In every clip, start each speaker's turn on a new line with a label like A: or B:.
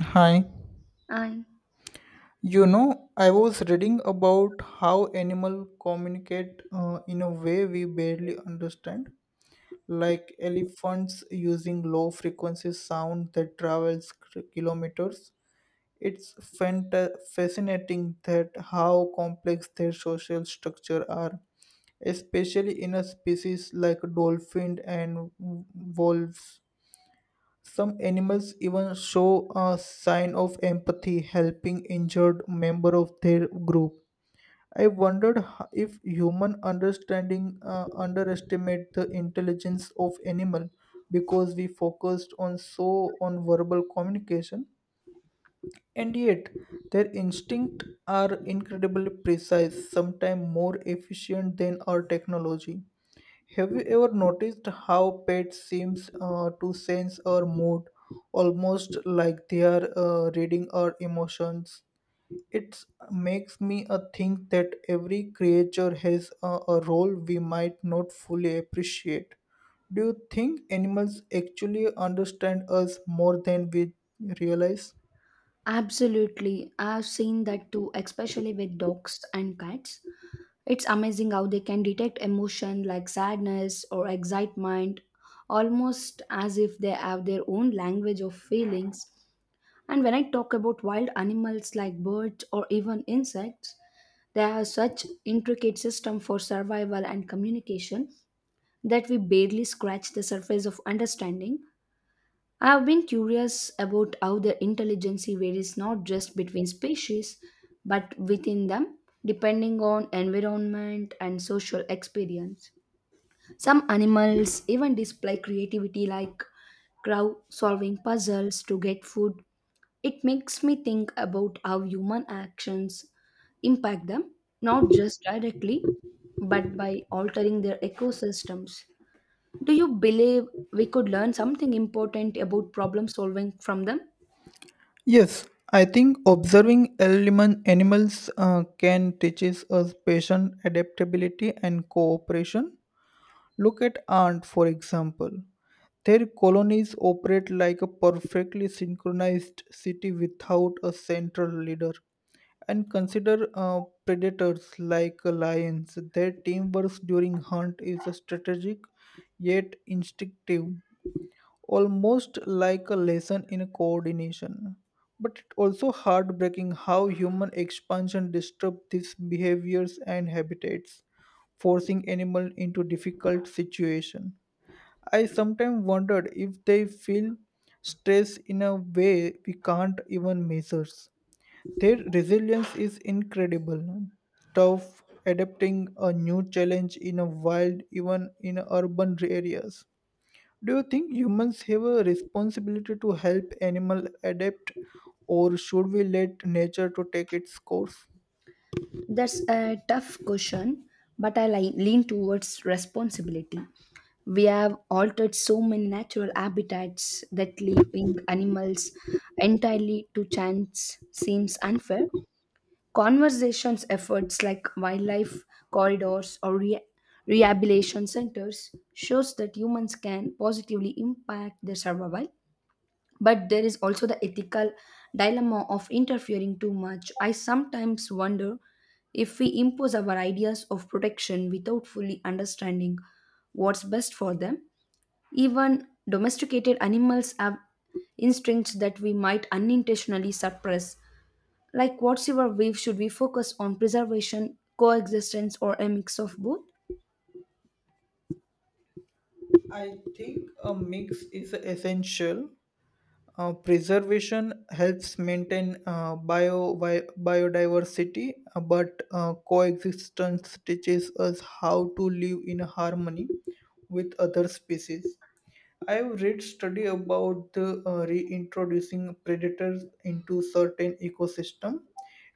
A: Hi.
B: I
A: You know, I was reading about how animals communicate, in a way we barely understand, like elephants using low frequency sound that travels kilometers. It's fascinating that how complex their social structure are, especially in a species like dolphin and wolves. Some animals even show a sign of empathy, helping injured member of their group. I wondered if human understanding underestimate the intelligence of animal because we focused on so on verbal communication, and yet their instincts are incredibly precise, sometimes more efficient than our technology. Have you ever noticed how pets seems, to sense our mood, almost like they are, reading our emotions? It makes me, think that every creature has a role we might not fully appreciate. Do you think animals actually understand us more than we realize?
B: Absolutely, I've seen that too, especially with dogs and cats. It's amazing how they can detect emotion like sadness or excitement, almost as if they have their own language of feelings. And when I talk about wild animals like birds or even insects, they have such intricate system for survival and communication that we barely scratch the surface of understanding. I have been curious about how the intelligence varies not just between species but within them, depending on environment and social experience. Some animals even display creativity like crow solving puzzles to get food. It makes me think about how human actions impact them, not just directly but by altering their ecosystems. Do you believe we could learn something important about problem solving from them?
A: Yes, I think observing element animals can teaches us patience, adaptability, and cooperation. Look at ant, for example. Their colonies operate like a perfectly synchronized city without a central leader. And consider, predators like lions. Their teamwork during hunt is strategic yet instinctive, almost like a lesson in coordination. But it's also heartbreaking how human expansion disrupts these behaviors and habitats, forcing animals into difficult situations. I sometimes wondered if they feel stress in a way we can't even measure. Their resilience is incredible. Tough adapting a new challenge in a wild, even in urban areas. Do you think humans have a responsibility to help animal adapt, or should we let nature to take its course?
B: That's a tough question, but I lean towards responsibility. We have altered so many natural habitats that leaving animals entirely to chance seems unfair. Conversations efforts like wildlife corridors or rehabilitation centers shows that humans can positively impact their survival, but there is also the ethical dilemma of interfering too much. I sometimes wonder if we impose our ideas of protection without fully understanding what's best for them. Even domesticated animals have instincts that we might unintentionally suppress. Like, what's your view? Should we focus on preservation, coexistence, or a mix of both?
A: I think a mix is essential. Preservation helps maintain biodiversity, but coexistence teaches us how to live in harmony with other species. I've read study about the, reintroducing predators into certain ecosystem,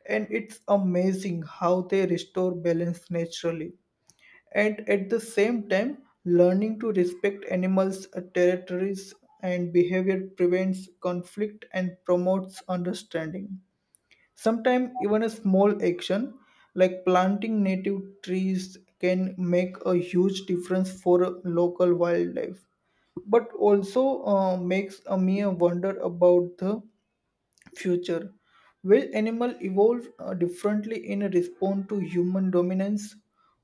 A: and it's amazing how they restore balance naturally. And at the same time, learning to respect animals, territories and behavior prevents conflict and promotes understanding. Sometimes even a small action like planting native trees can make a huge difference for local wildlife, but also, makes me wonder about the future. Will animal evolve, differently in response to human dominance?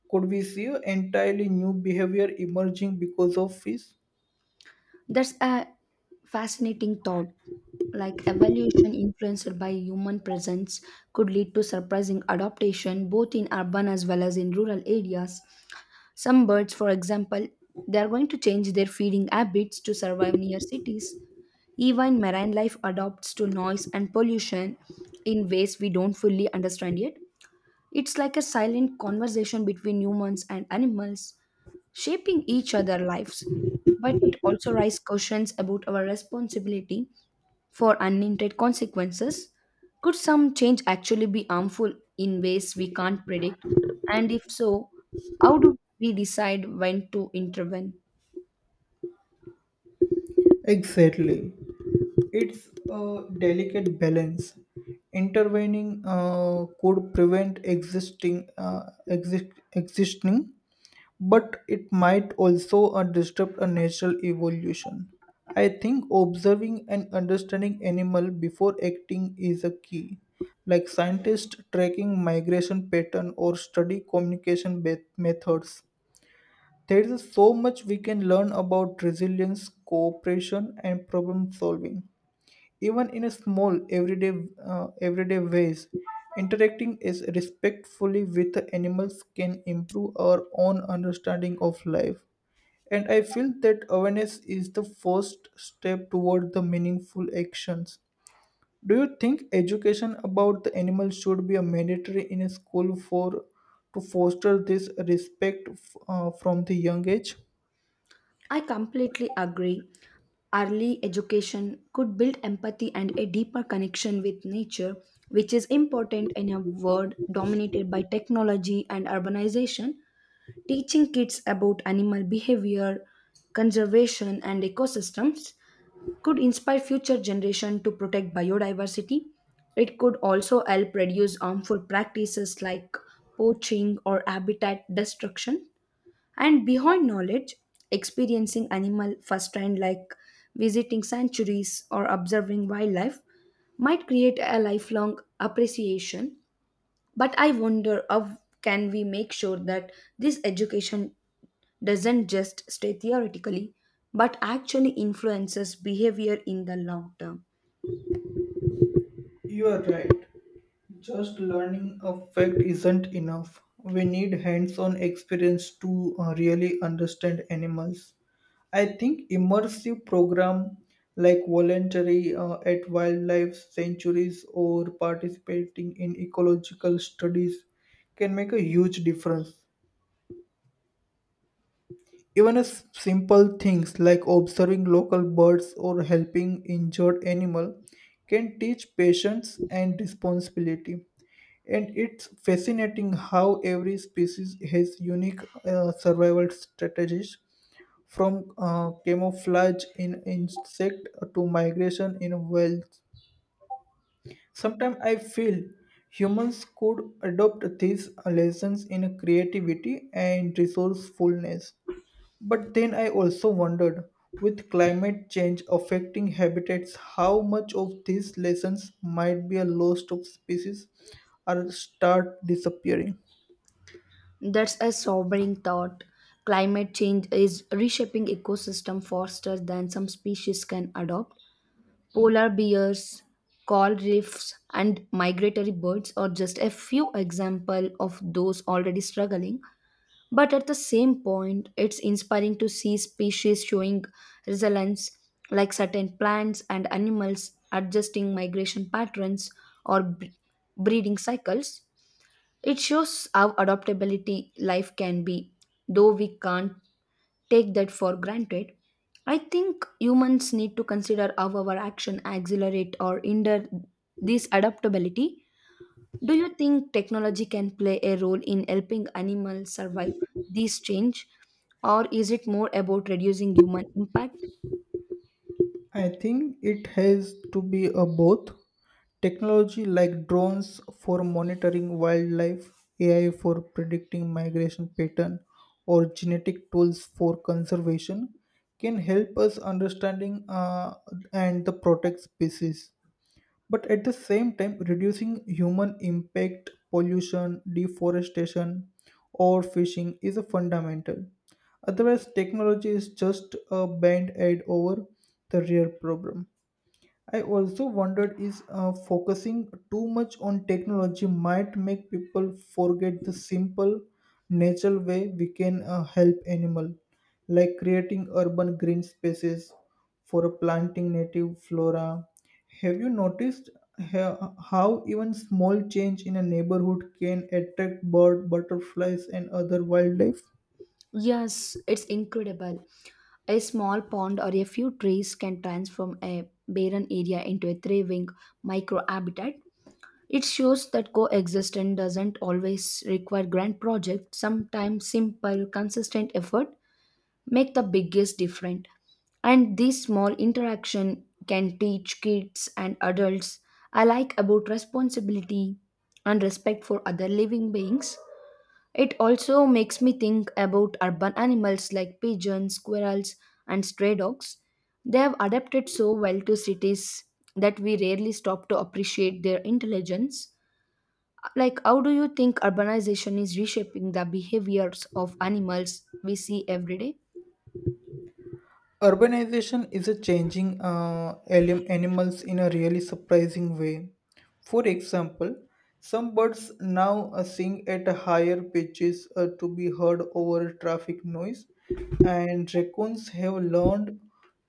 A: Could we see entirely new behavior emerging because of fish?
B: That's a fascinating thought. Like evolution influenced by human presence could lead to surprising adaptation both in urban as well as in rural areas. Some birds, for example, they are going to change their feeding habits to survive near cities. Even marine life adapts to noise and pollution in ways we don't fully understand yet. It's like a silent conversation between humans and animals shaping each other's lives, but it also raises questions about our responsibility for unintended consequences. Could some change actually be harmful in ways we can't predict? And if so, how do we decide when to intervene?
A: Exactly. It's a delicate balance. Intervening, could prevent existing exist, existing, but it might also, disrupt a natural evolution. I think observing and understanding animal before acting is a key. Like scientists tracking migration pattern or study communication methods. There is so much we can learn about resilience, cooperation, and problem solving, even in a small everyday ways. Interacting is respectfully with the animals can improve our own understanding of life, and I feel that awareness is the first step toward the meaningful actions. Do you think education about the animals should be a mandatory in a school for to foster this respect from the young age?
B: I completely agree. Early education could build empathy and a deeper connection with nature, which is important in a world dominated by technology and urbanization. Teaching kids about animal behavior, conservation, and ecosystems could inspire future generations to protect biodiversity. It could also help reduce harmful practices like poaching or habitat destruction. And beyond knowledge, experiencing animal firsthand, like visiting sanctuaries or observing wildlife, might create a lifelong appreciation. But I wonder how can we make sure that this education doesn't just stay theoretically but actually influences behavior in the long term.
A: You are right. Just learning a fact isn't enough. We need hands on experience to, really understand animals. I think immersive program like voluntary, at wildlife sanctuaries or participating in ecological studies can make a huge difference. Even as simple things like observing local birds or helping injured animal can teach patience and responsibility. And it's fascinating how every species has unique, survival strategies, from, camouflage in insect to migration in whales. Sometimes I feel humans could adopt these lessons in creativity and resourcefulness, but then I also wondered, with climate change affecting habitats, how much of these lessons might be a loss of species or start disappearing.
B: That's a sobering thought. Climate change is reshaping ecosystem faster than some species can adopt. Polar bears, coral reefs, and migratory birds are just a few example of those already struggling. But at the same point, it's inspiring to see species showing resilience, like certain plants and animals adjusting migration patterns or breeding cycles. It shows how adaptability life can be, though we can't take that for granted. I think humans need to consider how our action accelerate or hinder this adaptability. Do you think technology can play a role in helping animals survive these change, or is it more about reducing human impact?
A: I think it has to be a both. Technology like drones for monitoring wildlife, AI for predicting migration pattern, or genetic tools for conservation can help us understanding, and the protect species, but at the same time reducing human impact, pollution, deforestation, or fishing is a fundamental. Otherwise technology is just a band aid over the real problem. I also wondered is, focusing too much on technology might make people forget the simple natural way we can, help animal, like creating urban green spaces for planting native flora. Have you noticed how even small change in a neighborhood can attract bird, butterflies, and other wildlife?
B: Yes, it's incredible. A small pond or a few trees can transform a barren area into a thriving microhabitat. It shows that coexistence doesn't always require grand projects. Sometimes simple, consistent effort make the biggest difference, and this small interaction can teach kids and adults alike about responsibility and respect for other living beings. It also makes me think about urban animals like pigeons, squirrels, and stray dogs. They have adapted so well to cities that we rarely stop to appreciate their intelligence. Like, how do you think urbanization is reshaping the behaviors of animals we see every day?
A: Urbanization is a changing, animals in a really surprising way. For example, some birds now, sing at higher pitches, to be heard over traffic noise, and raccoons have learned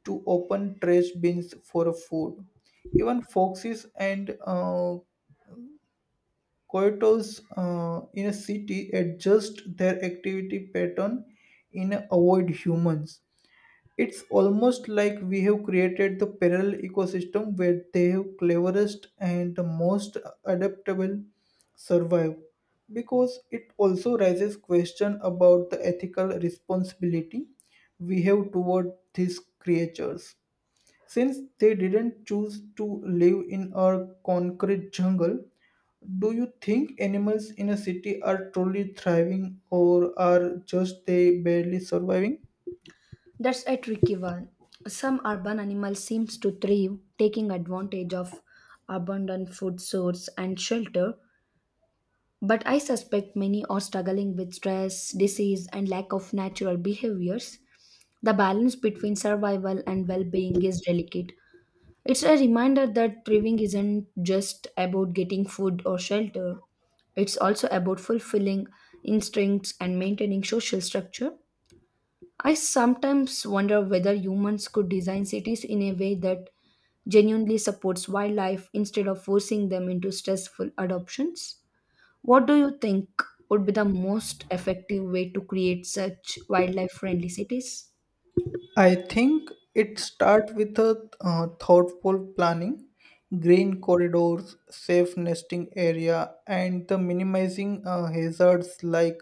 A: to open trash bins for food. Even foxes and, coyotes, in a city adjust their activity pattern in avoid humans. It's almost like we have created the parallel ecosystem where the cleverest and the most adaptable survive, because it also raises question about the ethical responsibility we have toward these creatures, since they didn't choose to live in our concrete jungle. Do you think animals in a city are truly thriving, or are just they barely surviving?
B: That's a tricky one. Some urban animals seems to thrive, taking advantage of abundant food source and shelter, but I suspect many are struggling with stress, disease, and lack of natural behaviors. The balance between survival and well-being is delicate. It's a reminder that thriving isn't just about getting food or shelter. It's also about fulfilling instincts and maintaining social structure. I sometimes wonder whether humans could design cities in a way that genuinely supports wildlife instead of forcing them into stressful adoptions. What do you think would be the most effective way to create such wildlife friendly cities?
A: I think it starts with a, thoughtful planning, green corridors, safe nesting area, and the minimizing, hazards like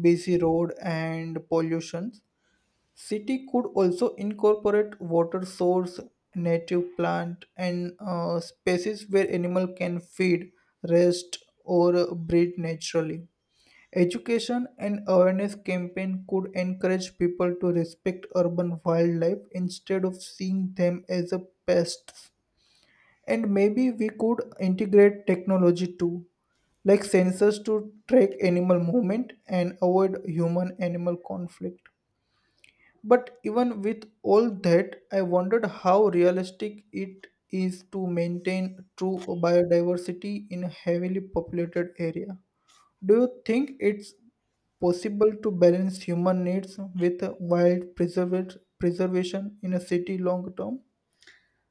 A: busy road and pollution. City could also incorporate water source, native plant, and, spaces where animal can feed, rest, or breed naturally. Education and awareness campaign could encourage people to respect urban wildlife instead of seeing them as a pests. And maybe we could integrate technology too, like sensors to track animal movement and avoid human animal conflict. But even with all that, I wondered how realistic it is to maintain true biodiversity in a heavily populated area. Do you think it's possible to balance human needs with wild preservation in a city long term?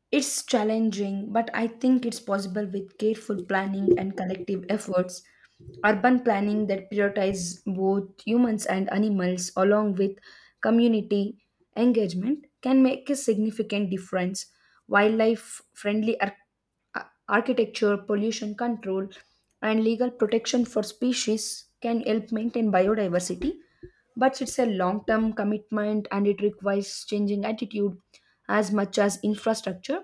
B: It's challenging, but I think it's possible with careful planning and collective efforts. Urban planning that prioritizes both humans and animals, along with community engagement, can make a significant difference. Wildlife friendly architecture, pollution control, and legal protection for species can help maintain biodiversity, but it's a long term commitment and it requires changing attitude as much as infrastructure.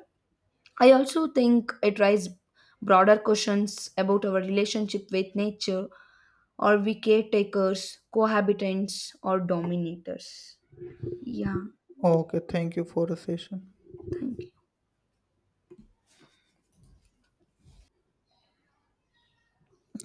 B: I also think it raises broader questions about our relationship with nature. Are we caretakers, cohabitants, or dominators? Yeah,
A: Oh, okay, thank you for the session.
B: thank you.